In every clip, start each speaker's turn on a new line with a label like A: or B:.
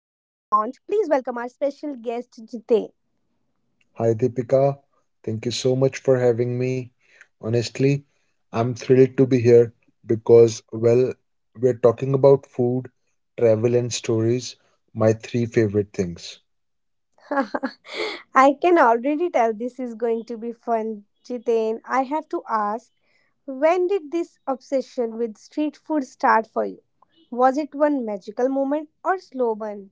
A: Please welcome our special guest, Jitain.
B: Hi Deepika, thank you so much for having me. Honestly, I'm thrilled to be here because, well, we're talking about food, travel, and stories, my three favorite things.
A: I can already tell this is going to be fun, Jitain. I have to ask. When did this obsession with street food start for you? Was it one magical moment or slow burn?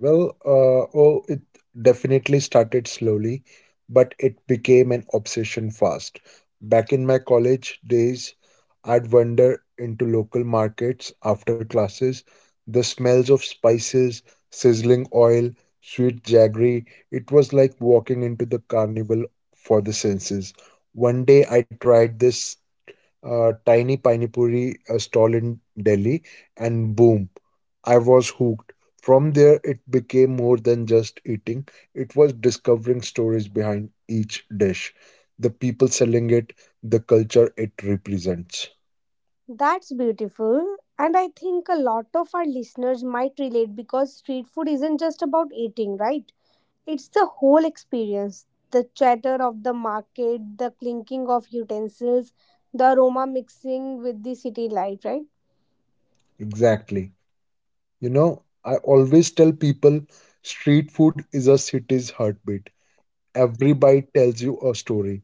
B: It definitely started slowly, but it became an obsession fast. Back in my college days, I'd wander into local markets after classes. The smells of spices, sizzling oil, sweet jaggery, it was like walking into the carnival for the senses. One day I tried this tiny pani puri stall in Delhi, and boom, I was hooked. From there, it became more than just eating, it was discovering stories behind each dish, the people selling it, the culture it represents.
A: That's beautiful. And I think a lot of our listeners might relate because street food isn't just about eating, right? It's the whole experience, the chatter of the market, the clinking of utensils, the aroma mixing with the city light, right?
B: Exactly. You know, I always tell people street food is a city's heartbeat. Every bite tells you a story,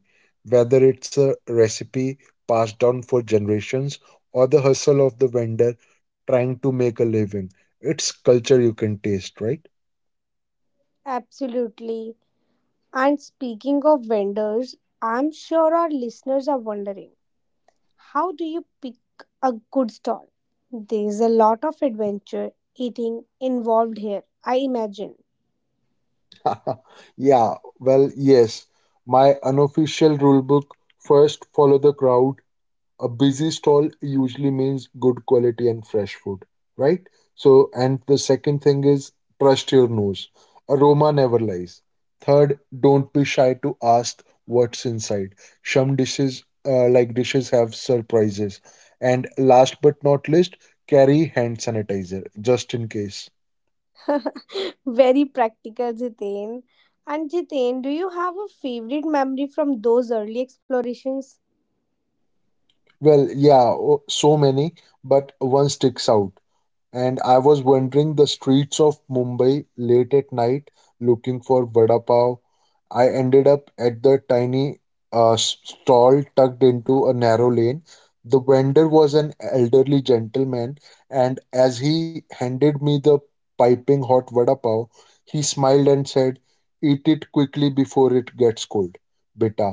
B: whether it's a recipe passed down for generations or the hustle of the vendor trying to make a living. It's culture you can taste, right?
A: Absolutely. And speaking of vendors, I'm sure our listeners are wondering, how do you pick a good stall? There's a lot of adventure eating involved here, I imagine.
B: Yeah, well, yes. My unofficial rule book: first, follow the crowd, a busy stall usually means good quality and fresh food, right? So, and the second thing is trust your nose, aroma never lies. Third, don't be shy to ask what's inside, some dishes dishes have surprises. And last but not least, carry hand sanitizer, just in case.
A: Very practical, Jitain. And Jitain, do you have a favorite memory from those early explorations?
B: So many, but one sticks out. And I was wandering the streets of Mumbai late at night looking for vada pav. I ended up at the tiny stall tucked into a narrow lane. The vendor was an elderly gentleman, and as he handed me the piping hot vada pav, he smiled and said, "Eat it quickly before it gets cold, beta."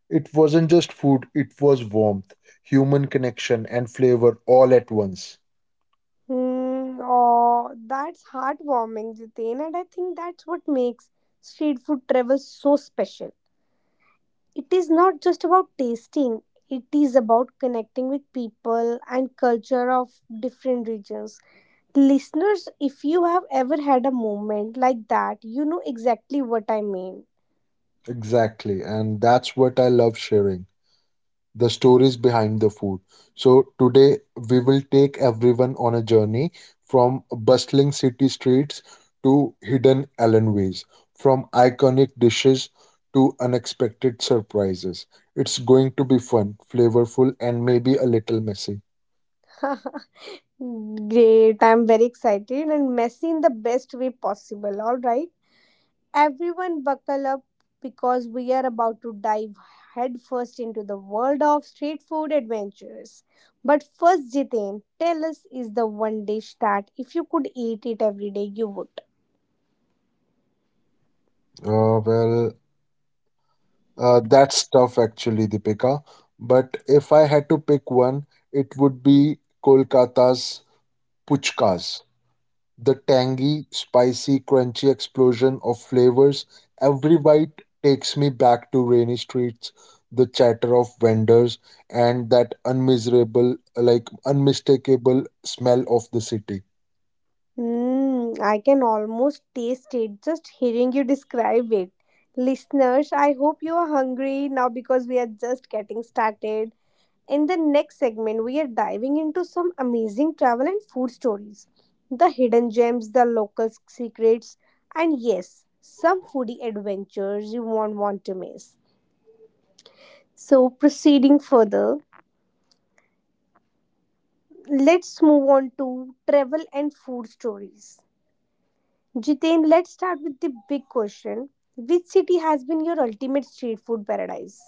B: It wasn't just food, it was warmth, human connection, and flavor all at once.
A: Oh, that's heartwarming, Jitain, and I think that's what makes street food travel so special. It is not just about tasting, it is about connecting with people and culture of different regions. Listeners, if you have ever had a moment like that, you know exactly what I mean.
B: Exactly, and that's what I love sharing, the stories behind the food. So, today we will take everyone on a journey from bustling city streets to hidden alleyways, from iconic dishes to unexpected surprises. It's going to be fun, flavorful, and maybe a little messy.
A: Great, I'm very excited, and messy in the best way possible, alright? Everyone, buckle up, because we are about to dive headfirst into the world of street food adventures. But first, Jitain, tell us, is the one dish that if you could eat it every day, you would.
B: Uh, well, that's tough actually, Deepika. But if I had to pick one, it would be Kolkata's puchkas. The tangy, spicy, crunchy explosion of flavors. Every bite takes me back to rainy streets, the chatter of vendors, and that unmiserable, like unmistakable smell of the city.
A: Mm, I can almost taste it just hearing you describe it. Listeners, I hope you are hungry now, because we are just getting started. In the next segment, we are diving into some amazing travel and food stories, the hidden gems, the local secrets, and yes, some foodie adventures you won't want to miss. So, proceeding further, let's move on to travel and food stories. Jiten, let's start with the big question. Which city has been your ultimate street food paradise?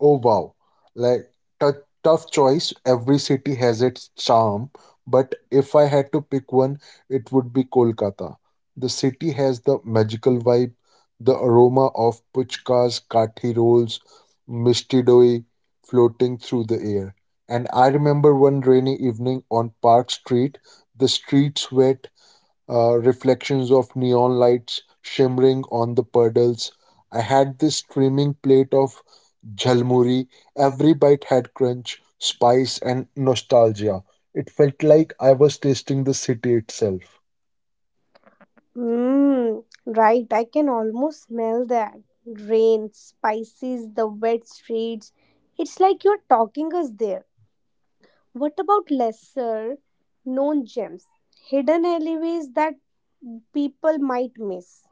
B: Oh wow, like tough choice. Every city has its charm, but if I had to pick one, it would be Kolkata. The city has the magical vibe, the aroma of puchkas, kathi rolls, misty doi floating through the air. And I remember one rainy evening on Park Street, the streets wet, reflections of neon lights shimmering on the puddles. I had this steaming plate of jhalmuri. Every bite had crunch, spice, and nostalgia. It felt like I was tasting the city itself.
A: Mmm, right, I can almost smell that. Rain, spices, the wet streets. It's like you're talking us there. What about lesser known gems? Hidden alleyways that people might miss.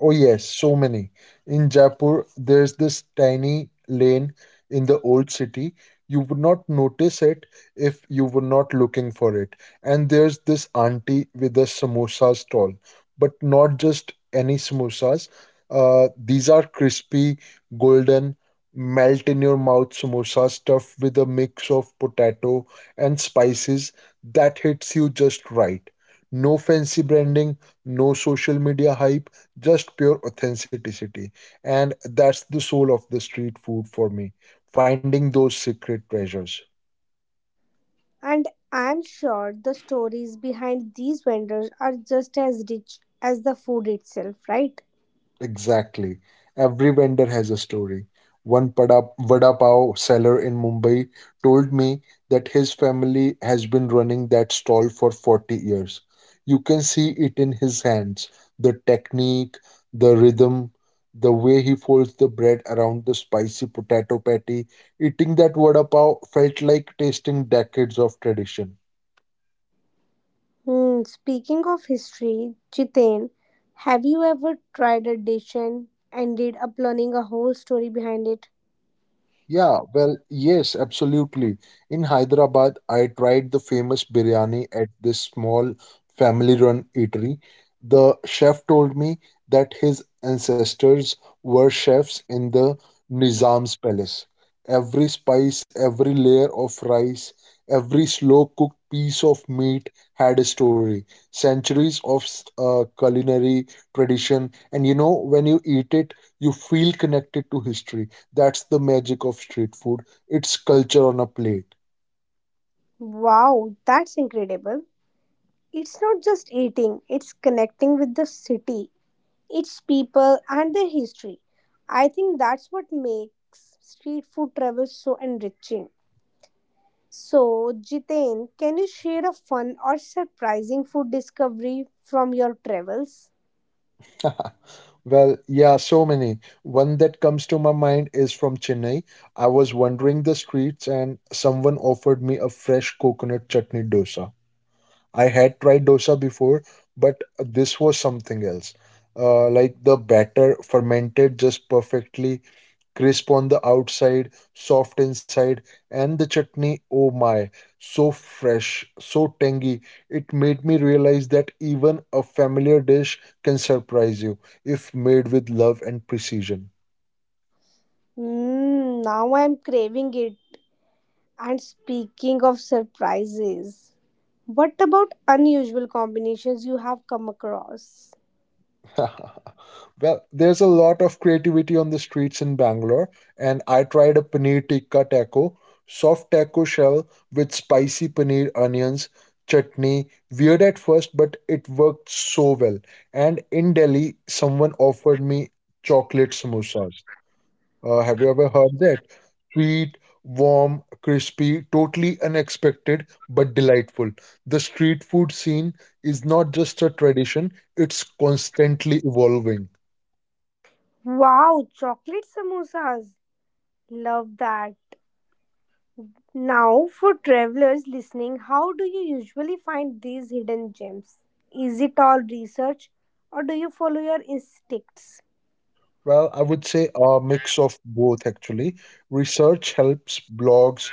B: Oh yes, so many. In Jaipur, there's this tiny lane in the old city. You would not notice it if you were not looking for it. And there's this auntie with a samosa stall, but not just any samosas. These are crispy, golden, melt in your mouth samosa stuffed with a mix of potato and spices that hits you just right. No fancy branding, no social media hype, just pure authenticity. And that's the soul of the street food for me, finding those secret treasures.
A: And I'm sure the stories behind these vendors are just as rich as the food itself, right?
B: Exactly. Every vendor has a story. Vada pav seller in Mumbai told me that his family has been running that stall for 40 years. You can see it in his hands, the technique, the rhythm, the way he folds the bread around the spicy potato patty. Eating that vada pav felt like tasting decades of tradition.
A: Hmm, speaking of history, Jiten, have you ever tried a dish and ended up learning a whole story behind it?
B: Yeah, well, yes, absolutely. In Hyderabad, I tried the famous biryani at this small family run eatery. The chef told me that his ancestors were chefs in the Nizam's palace. Every spice, every layer of rice, every slow cooked piece of meat had a story. Centuries of culinary tradition, and you know, when you eat it, you feel connected to history. That's the magic of street food. It's culture on a plate.
A: Wow, that's incredible. It's not just eating, it's connecting with the city, its people, and their history. I think that's what makes street food travel so enriching. So, Jiten, can you share a fun or surprising food discovery from your travels?
B: Well, yeah, so many. One that comes to my mind is from Chennai. I was wandering the streets and someone offered me a fresh coconut chutney dosa. I had tried dosa before, but this was something else. The batter fermented just perfectly, crisp on the outside, soft inside, and the chutney, oh my, so fresh, so tangy. It made me realize that even a familiar dish can surprise you if made with love and precision.
A: Mm, now I'm craving it. And speaking of surprises, what about unusual combinations you have come across?
B: Well, there's a lot of creativity on the streets. In Bangalore, and I tried a paneer tikka taco, soft taco shell with spicy paneer onions, chutney. Weird at first, but it worked so well. And in Delhi, someone offered me chocolate samosas. Have you ever heard that? Sweet, warm, crispy, totally unexpected, but delightful. The street food scene is not just a tradition, it's constantly evolving.
A: Wow, chocolate samosas. Love that. Now, for travelers listening, how do you usually find these hidden gems? Is it all research, or do you follow your instincts?
B: Well, I would say a mix of both actually. Research helps: blogs,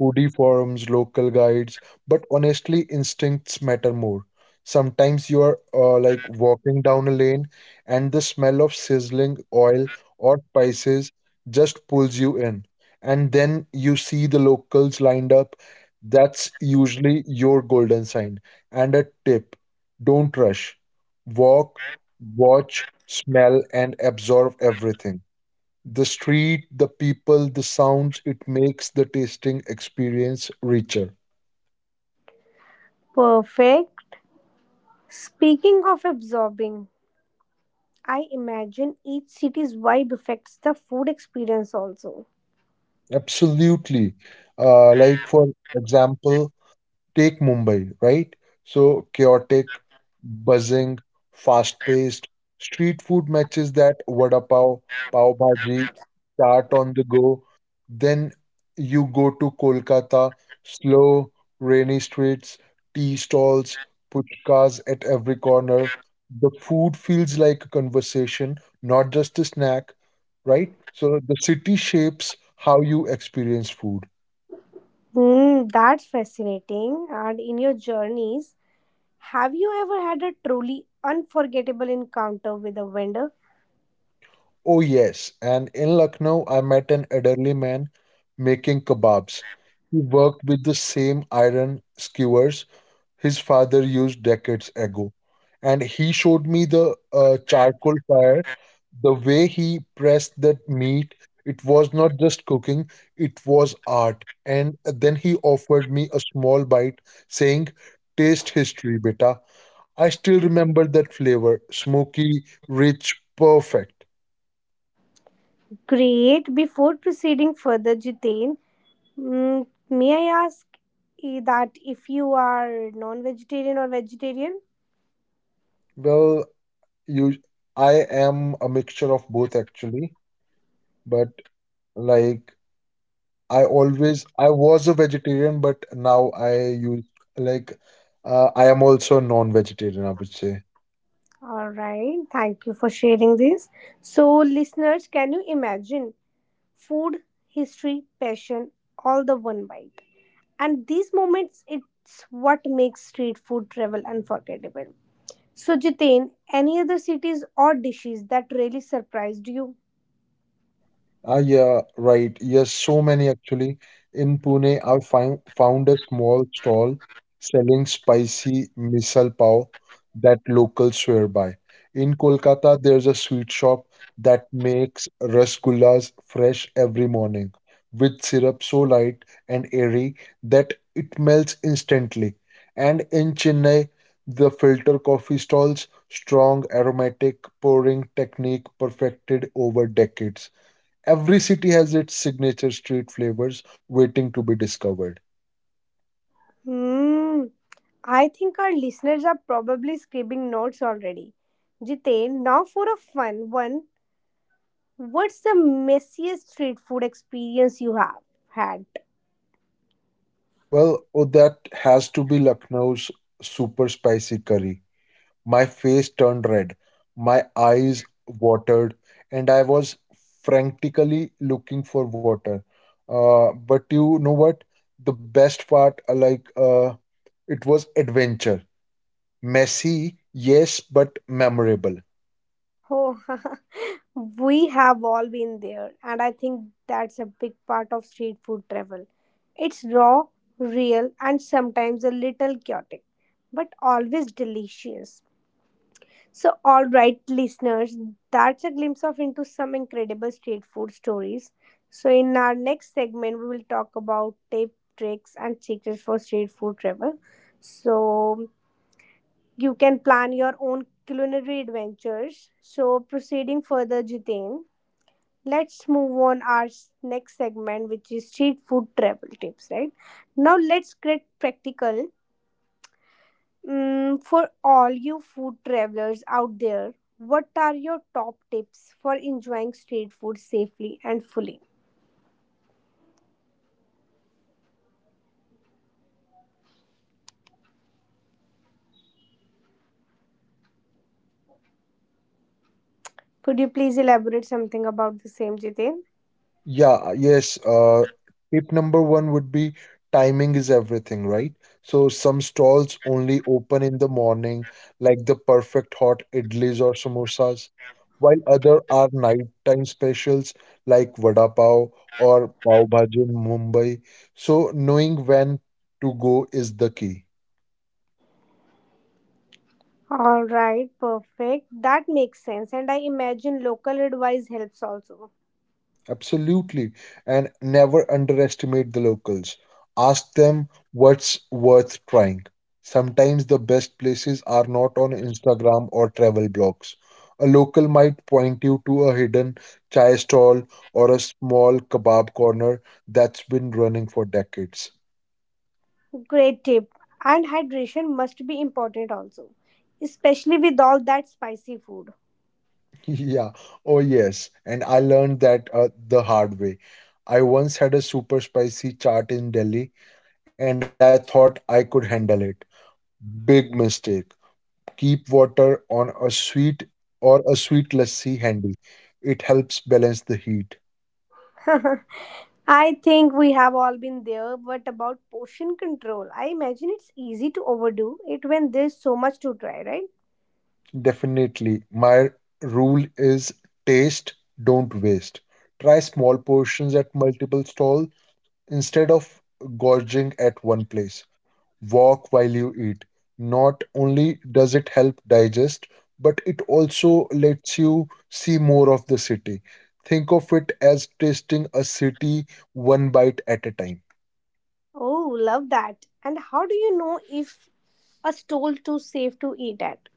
B: foodie forums, local guides, but honestly, instincts matter more. Sometimes you are walking down a lane and the smell of sizzling oil or spices just pulls you in. And then you see the locals lined up. That's usually your golden sign. And a tip: don't rush. Walk, watch, smell, and absorb everything. The street, the people, the sounds, it makes the tasting experience richer.
A: Perfect. Speaking of absorbing, I imagine each city's vibe affects the food experience also.
B: Absolutely. Uh, like, for example, Take Mumbai, right? So chaotic, buzzing, fast-paced. Street food matches that: vada pav, pav bhaji, chaat on the go. Then you go to Kolkata, slow, rainy streets, tea stalls, puchkas at every corner. The food feels like a conversation, not just a snack, right? So the city shapes how you experience food.
A: Hmm, that's fascinating. And in your journeys, have you ever had a truly unforgettable encounter with a vendor?
B: Oh, yes. And in Lucknow, I met an elderly man making kebabs. He worked with the same iron skewers his father used decades ago. And he showed me the charcoal fire, the way he pressed that meat. It was not just cooking, it was art. And then he offered me a small bite, saying, "Taste history, beta." I still remember that flavor, smoky, rich, perfect.
A: Great. Before proceeding further, Jitain, may I ask that if you are non-vegetarian or vegetarian?
B: Well, you, I am a mixture of both actually, but like I was a vegetarian, but now I use, like I am also a non-vegetarian, I would say.
A: All right. Thank you for sharing this. So, listeners, can you imagine food, history, passion, all the one bite? And these moments, it's what makes street food travel unforgettable. So, Jitain, any other cities or dishes that really surprised you?
B: Ah, yeah, right. Yes, so many actually. In Pune, found a small stall selling spicy misal pav that locals swear by. In Kolkata, there's a sweet shop that makes rasgullas fresh every morning with syrup so light and airy that it melts instantly. And in Chennai, the filter coffee stalls, strong aromatic pouring technique perfected over decades. Every city has its signature street flavors waiting to be discovered.
A: Hmm. I think our listeners are probably scribbling notes already. Jitain, now for a fun one. What's the messiest street food experience you have had?
B: That has to be Lucknow's super spicy curry. My face turned red, my eyes watered, and I was frantically looking for water. But you know what? The best part, it was adventure. Messy, yes, but memorable.
A: Oh, we have all been there, and I think that's a big part of street food travel. It's raw, real, and sometimes a little chaotic, but always delicious. So, all right, listeners, that's a glimpse of into some incredible street food stories. So, in our next segment, we will talk about tip, tricks, and secrets for street food travel. So, you can plan your own culinary adventures. So, proceeding further, Jitain, let's move on our next segment, which is street food travel tips. Right now, let's get practical. Mm, for all you food travelers out there, what are your top tips for enjoying street food safely and fully? Could you please elaborate something about the same, Jitin?
B: Yeah, uh, yes. Uh, Tip number one would be timing is everything, right? So some stalls only open in the morning, like the perfect hot idlis or samosas, while other are nighttime specials like vada pav or pav bhaji in Mumbai. So knowing when to go is the key.
A: All right, perfect. That makes sense. And I imagine local advice helps also.
B: Absolutely. And never underestimate the locals. Ask them what's worth trying. Sometimes the best places are not on Instagram or travel blogs. A local might point you to a hidden chai stall or a small kebab corner that's been running for decades.
A: Great tip. And hydration must be important also, especially with all that spicy food.
B: Yeah, oh yes. And I learned that the hard way. I once had a super spicy chaat in Delhi and I thought I could handle it. Big mistake. Keep water on a sweet or a sweet lassi handy. It helps balance the heat.
A: I think we have all been there, but about portion control, I imagine it's easy to overdo it when there's so much to try, right?
B: Definitely. My rule is taste, don't waste. Try small portions at multiple stalls instead of gorging at one place. Walk while you eat. Not only does it help digest, but it also lets you see more of the city. Think of it as tasting a city one bite at a time.
A: Oh, love that. And how do you know if a stall too safe to eat at?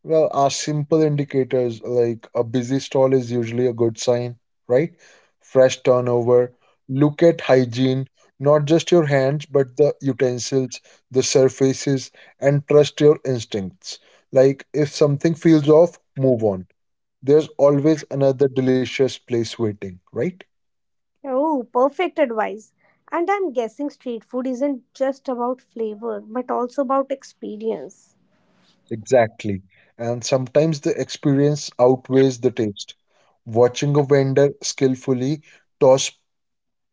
B: Well, are simple indicators like a busy stall is usually a good sign, right? Fresh turnover. Look at hygiene, not just your hands, but the utensils, the surfaces, and trust your instincts. Like if something feels off, move on. There's always another delicious place waiting, right?
A: Oh, perfect advice. And I'm guessing street food isn't just about flavor, but also about experience.
B: Exactly. And sometimes the experience outweighs the taste. Watching a vendor skillfully toss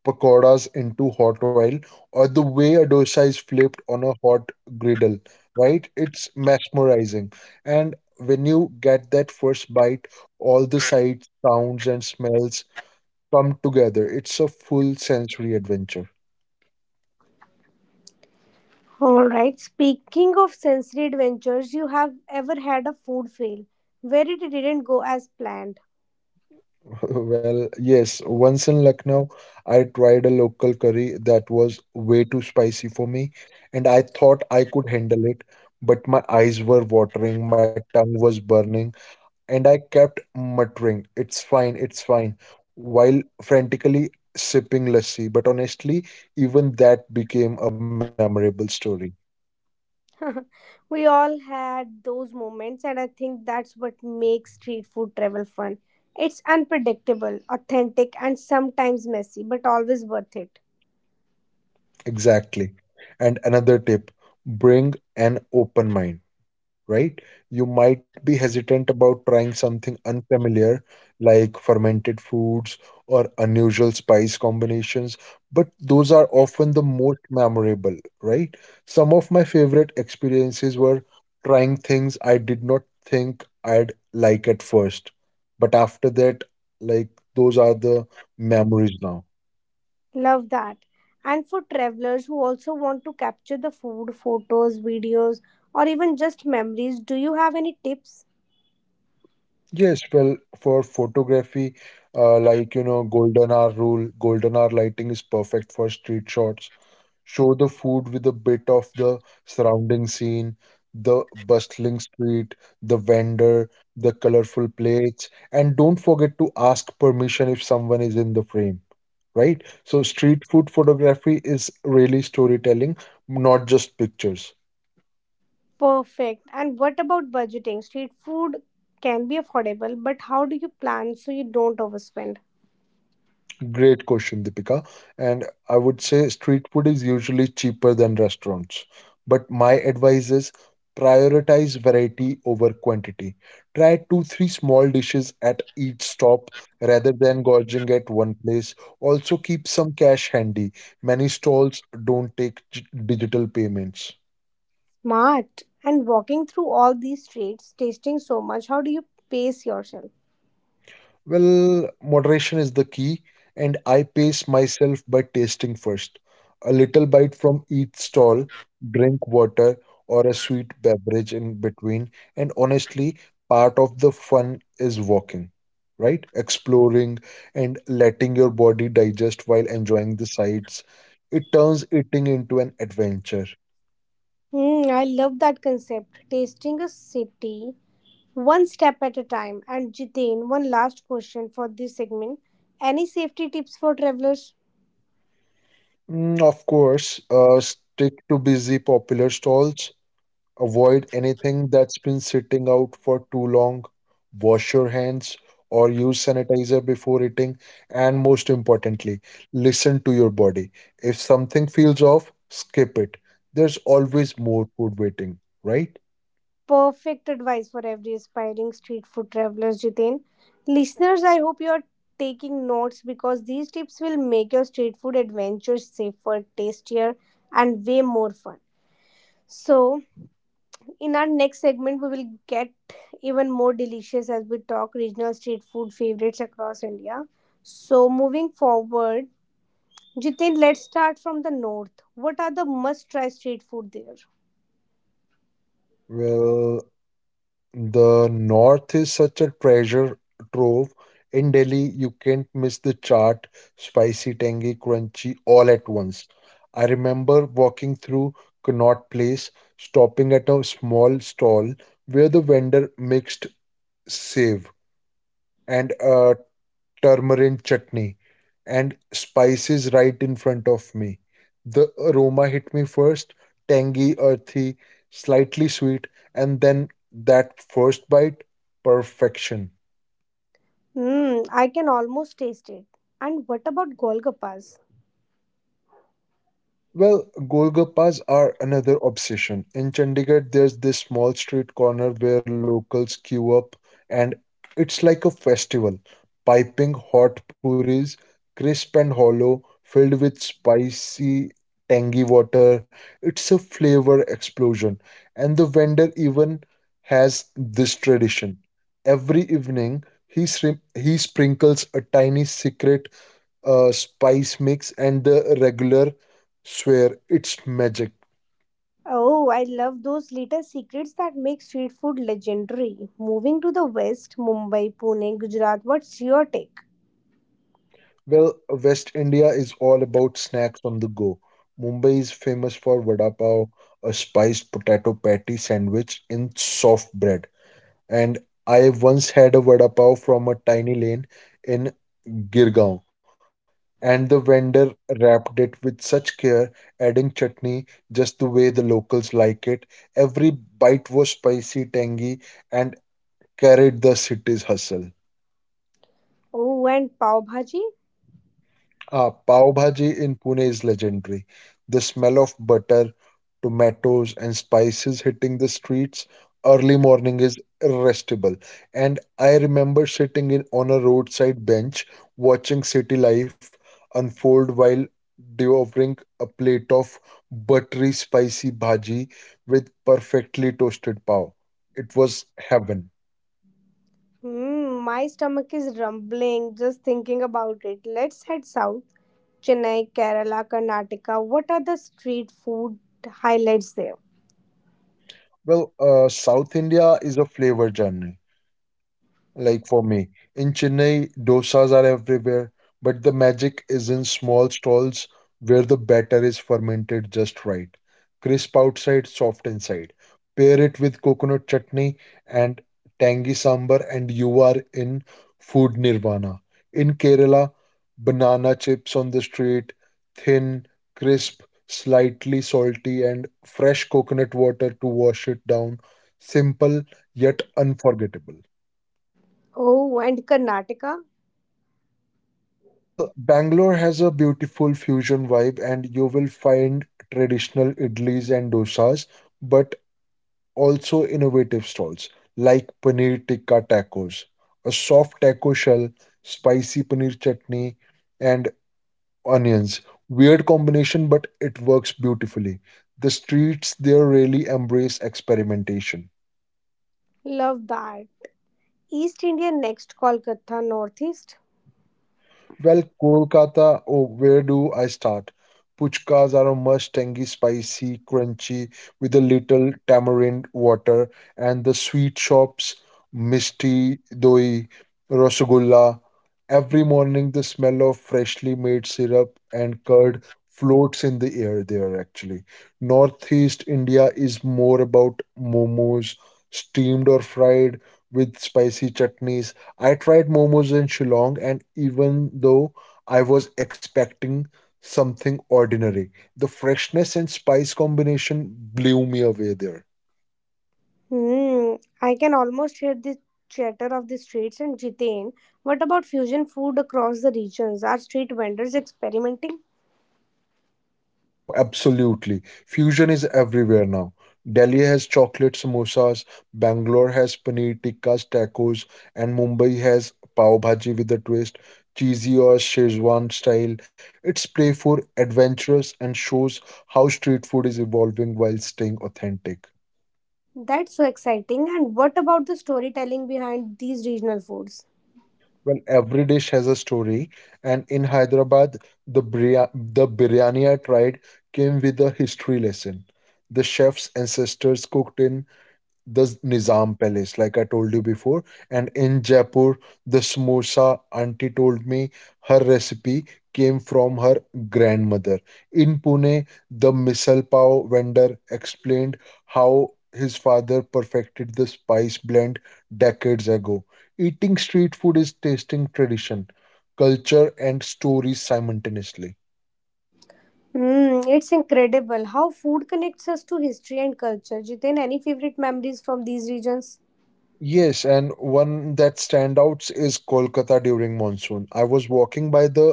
B: pakoras into hot oil or the way a dosa is flipped on a hot griddle, right? It's mesmerizing. And when you get that first bite, all the sights, sounds, and smells come together. It's a full sensory adventure.
A: All right. Speaking of sensory adventures, you have ever had a food fail where it didn't go as planned?
B: Well, yes, once in Lucknow, I tried a local curry that was way too spicy for me, and I thought I could handle it, but my eyes were watering, my tongue was burning and I kept muttering, it's fine, it's fine, while frantically sipping lassi. But honestly, even that became a memorable story.
A: We all had those moments, and I think that's what makes street food travel fun. It's unpredictable, authentic, and sometimes messy, but always worth it.
B: Exactly. And another tip, bring an open mind, right? You might be hesitant about trying something unfamiliar like fermented foods or unusual spice combinations, but those are often the most memorable, right? Some of my favorite experiences were trying things I did not think I'd like at first, but after that, like those are the memories now.
A: Love that. And for travelers who also want to capture the food, photos, videos, or even just memories, do you have any tips?
B: Yes, well, for photography, golden hour rule, golden hour lighting is perfect for street shots. Show the food with a bit of the surrounding scene, the bustling street, the vendor, the colorful plates, and don't forget to ask permission if someone is in the frame, right? So, street food photography is really storytelling, not just pictures.
A: Perfect. And what about budgeting? Street food can be affordable, but how do you plan so you don't overspend?
B: Great question, Deepika. And I would say street food is usually cheaper than restaurants. But my advice is prioritize variety over quantity. Try two, three small dishes at each stop rather than gorging at one place. Also, keep some cash handy. Many stalls don't take digital payments.
A: Smart. And walking through all these streets, tasting so much, how do you pace yourself?
B: Well, moderation is the key, and I pace myself by tasting first. A little bite from each stall, drink water or a sweet beverage in between, and honestly, part of the fun is walking, right? Exploring and letting your body digest while enjoying the sights. It turns eating into an adventure.
A: Hmm, I love that concept. Tasting a city one step at a time. And Jitain, one last question for this segment. Any safety tips for travelers?
B: Mm, of course, stick to busy popular stalls. Avoid anything that's been sitting out for too long. Wash your hands or use sanitizer before eating. And most importantly, listen to your body. If something feels off, skip it. There's always more food waiting, right?
A: Perfect advice for every aspiring street food travelers, Jitain. Listeners, I hope you are taking notes, because these tips will make your street food adventures safer, tastier, and way more fun. So, in our next segment, we will get even more delicious as we talk regional street food favorites across India. So, moving forward, Jitain, let's start from the north. What are the must try street food there?
B: Well, the North is such a treasure trove. In Delhi, you can't miss the chaat, spicy, tangy, crunchy, all at once. I remember walking through Connaught Place, stopping at a small stall where the vendor mixed save and turmeric chutney and spices right in front of me. The aroma hit me first, tangy, earthy, slightly sweet, and then that first bite, perfection.
A: Hmm, I can almost taste it. And what about Golgappas?
B: Well, Golgappas are another obsession. In Chandigarh, there's this small street corner where locals queue up, and it's like a festival. Piping hot puris, crisp and hollow, filled with spicy, tangy water. It's a flavor explosion. And the vendor even has this tradition. Every evening, he sprinkles a tiny secret spice mix and the regular swear it's magic.
A: Oh, I love those little secrets that make street food legendary. Moving to the west, Mumbai, Pune, Gujarat, what's your take?
B: Well, West India is all about snacks on the go. Mumbai is famous for vada pav, a spiced potato patty sandwich in soft bread. And I once had a vada pav from a tiny lane in Girgaon, and the vendor wrapped it with such care, adding chutney just the way the locals like it. Every bite was spicy, tangy, and carried the city's hustle.
A: Oh, and pav bhaji?
B: Ah, pav bhaji in Pune is legendary. The smell of butter, tomatoes, and spices hitting the streets early morning is irresistible. And I remember sitting in on a roadside bench watching city life unfold while devouring a plate of buttery spicy bhaji with perfectly toasted pav. It was heaven.
A: Hmm, my stomach is rumbling just thinking about it. Let's head south. Chennai, Kerala, Karnataka. What are the street food highlights there?
B: Well, South India is a flavor journey. For me, in Chennai, dosas are everywhere, but the magic is in small stalls where the batter is fermented just right. Crisp outside, soft inside. Pair it with coconut chutney and tangy sambar, and you are in food nirvana. In Kerala, banana chips on the street, thin, crisp, slightly salty, and fresh coconut water to wash it down. Simple yet unforgettable.
A: Oh, and Karnataka?
B: Well, Bangalore has a beautiful fusion vibe, and you will find traditional idlis and dosas, but also innovative stalls like paneer tikka tacos, a soft taco shell, spicy paneer chutney, and onions. Weird combination, but it works beautifully. The streets there really embrace experimentation.
A: Love that. East India next, Kolkata, Northeast.
B: Well, Kolkata, oh, where do I start? Puchkas are a must, tangy, spicy, crunchy, with a little tamarind water, and the sweet shops, Misti, Doi, Rasgulla. Every morning, the smell of freshly made syrup and curd floats in the air there, actually. Northeast India is more about momos, steamed or fried, with spicy chutneys. I tried momos in Shillong, and even though I was expecting something ordinary, the freshness and spice combination blew me away there.
A: Hmm, I can almost hear the chatter of the streets in Jiten. What about fusion food across the regions? Are street vendors experimenting?
B: Oh, absolutely. Fusion is everywhere now. Delhi has chocolate samosas, Bangalore has paneer tikkas, tacos, and Mumbai has pav bhaji with a twist, cheesy or Shezwan style. It's playful, adventurous, and shows how street food is evolving while staying authentic.
A: That's so exciting. And what about the storytelling behind these regional foods?
B: Well, every dish has a story, and in Hyderabad, the bria- the biryani I tried came with a history lesson. The chef's ancestors cooked in the Nizam Palace, like I told you before. And in Jaipur, the samosa auntie told me her recipe came from her grandmother. In Pune, the misal pav vendor explained how his father perfected the spice blend decades ago. Eating street food is tasting tradition, culture, and stories simultaneously.
A: Hmm, it's incredible how food connects us to history and culture. Jiten, any favorite memories from these regions?
B: Yes, and one that standouts is Kolkata during monsoon. I was walking by the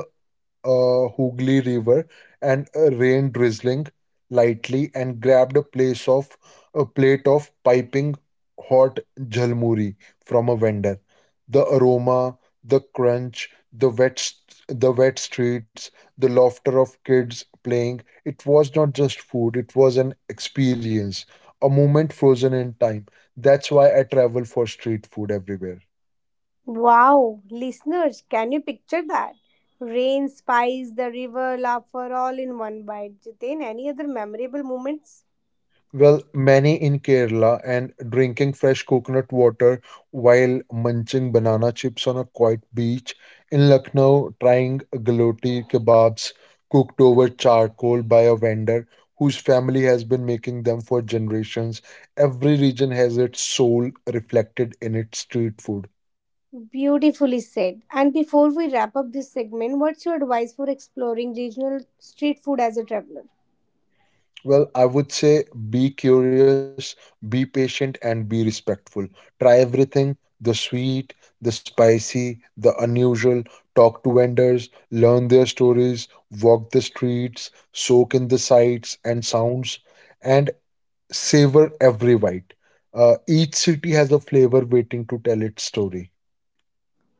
B: Hooghly River and rain drizzling lightly, and grabbed a plate of piping hot jhalmuri from a vendor. The aroma, the crunch, the wet streets, the laughter of kids playing. It was not just food; it was an experience, a moment frozen in time. That's why I travel for street food everywhere.
A: Wow, listeners, can you picture that? Rain, spice, the river, laughter, all in one bite. Jiten, any other memorable moments?
B: Well, many. In Kerala and drinking fresh coconut water while munching banana chips on a quiet beach. In Lucknow, trying galoti kebabs cooked over charcoal by a vendor whose family has been making them for generations. Every region has its soul reflected in its street food.
A: Beautifully said. And before we wrap up this segment, what's your advice for exploring regional street food as a traveler?
B: Well, I would say be curious, be patient, and be respectful. Try everything, the sweet, the spicy, the unusual. Talk to vendors, learn their stories, walk the streets, soak in the sights and sounds, and savor every bite. Each city has a flavor waiting to tell its story.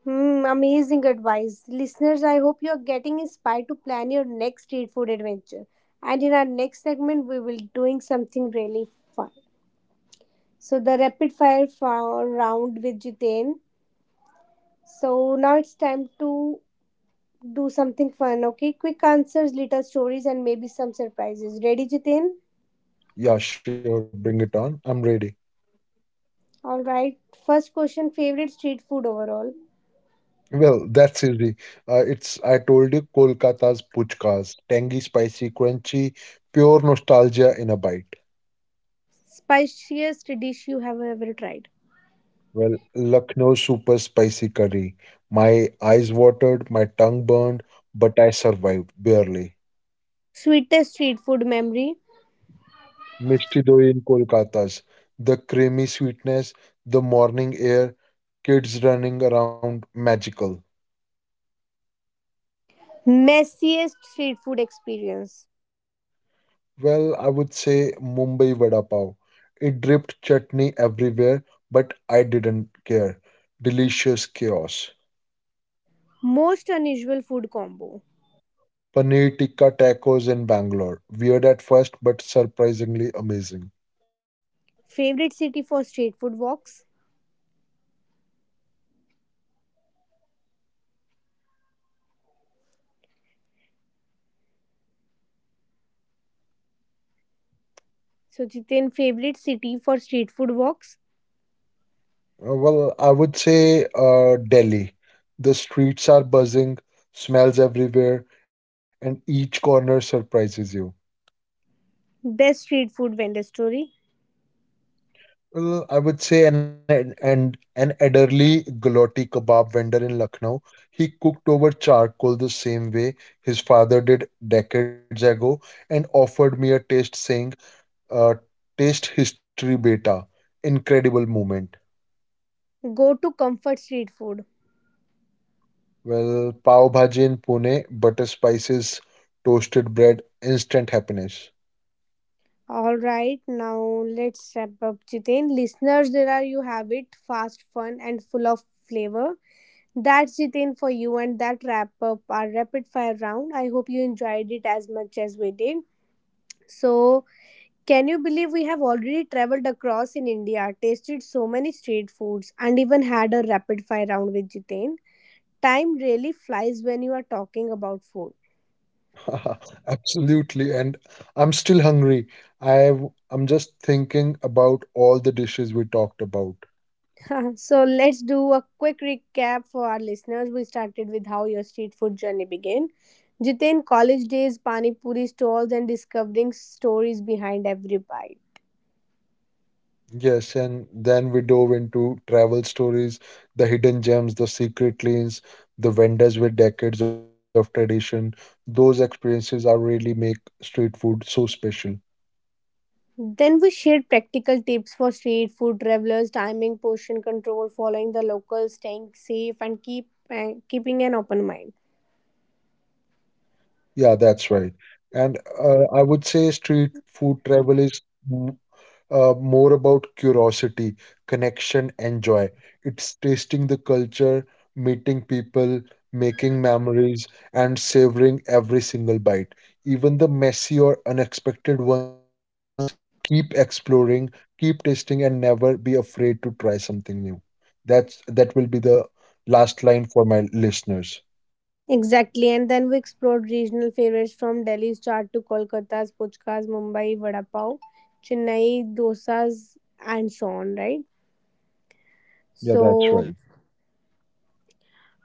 A: Hmm, amazing advice. Listeners, I hope you're getting inspired to plan your next street food adventure. And in our next segment, we will doing something really fun. So the rapid fire round with Jiten. So now it's time to do something fun, okay? Quick answers, little stories, and maybe some surprises. Ready, Jiten?
B: Yeah, sure, bring it on. I'm ready.
A: All right. First question, favorite street food overall?
B: Well, that's easy. It's, I told you, Kolkata's puchkas, tangy, spicy, crunchy, pure nostalgia in a bite.
A: Spiciest dish you have ever tried?
B: Well, Lucknow super spicy curry. My eyes watered, my tongue burned, but I survived barely.
A: Sweetest street food memory?
B: Mishti doi in Kolkata's, the creamy sweetness, the morning air, kids running around, magical.
A: Messiest street food experience?
B: Well, I would say Mumbai Vada Pav. It dripped chutney everywhere, but I didn't care. Delicious chaos.
A: Most unusual food combo?
B: Paneer tikka tacos in Bangalore. Weird at first, but surprisingly amazing.
A: Favorite city for street food walks? So, Jiten, favorite city for street food walks?
B: Well, I would say Delhi. The streets are buzzing, smells everywhere, and each corner surprises you.
A: Best street food vendor story?
B: Well, I would say an elderly gulati kebab vendor in Lucknow. He cooked over charcoal the same way his father did decades ago and offered me a taste saying, uh, taste history beta. Incredible moment.
A: Go to comfort street food.
B: Well, pav bhaji in Pune, butter spices, toasted bread, instant happiness.
A: All right, now let's wrap up, Jiten. Listeners, there are you have it, fast, fun, and full of flavor. That's it in for you, and that wrap up our rapid fire round. I hope you enjoyed it as much as we did. So, can you believe we have already traveled across in India, tasted so many street foods, and even had a rapid fire round with Jitain? Time really flies when you are talking about food.
B: Absolutely. And I'm still hungry. I I'm just thinking about all the dishes we talked about.
A: So, let's do a quick recap for our listeners. We started with how your street food journey began. Jitain, college days, pani puri stalls, and discovering stories behind every bite.
B: Yes, and then we dove into travel stories, the hidden gems, the secret lanes, the vendors with decades of tradition. Those experiences are really make street food so special.
A: Then we shared practical tips for street food travelers, timing, portion control, following the locals, staying safe, and keeping an open mind.
B: Yeah, that's right. And I would say street food travel is m- more about curiosity, connection, and joy. It's tasting the culture, meeting people, making memories, and savoring every single bite. Even the messy or unexpected ones, keep exploring, keep tasting, and never be afraid to try something new. That will be the last line for my listeners.
A: Exactly, and then we explored regional favorites from Delhi's chaat to Kolkata's puchkas, Mumbai vada pav, Chennai dosas, and so on. Right.
B: Yeah,
A: So,
B: that's right.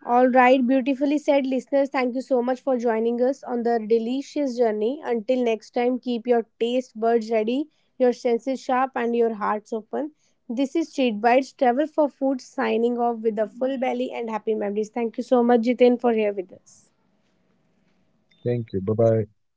A: all right, beautifully said, listeners. Thank you so much for joining us on the delicious journey. Until next time, keep your taste buds ready, your senses sharp, and your hearts open. This is Street Bites Travel for Food signing off with a full belly and happy memories. Thank you so much, Jiten, for here with us.
B: Thank you. Bye bye.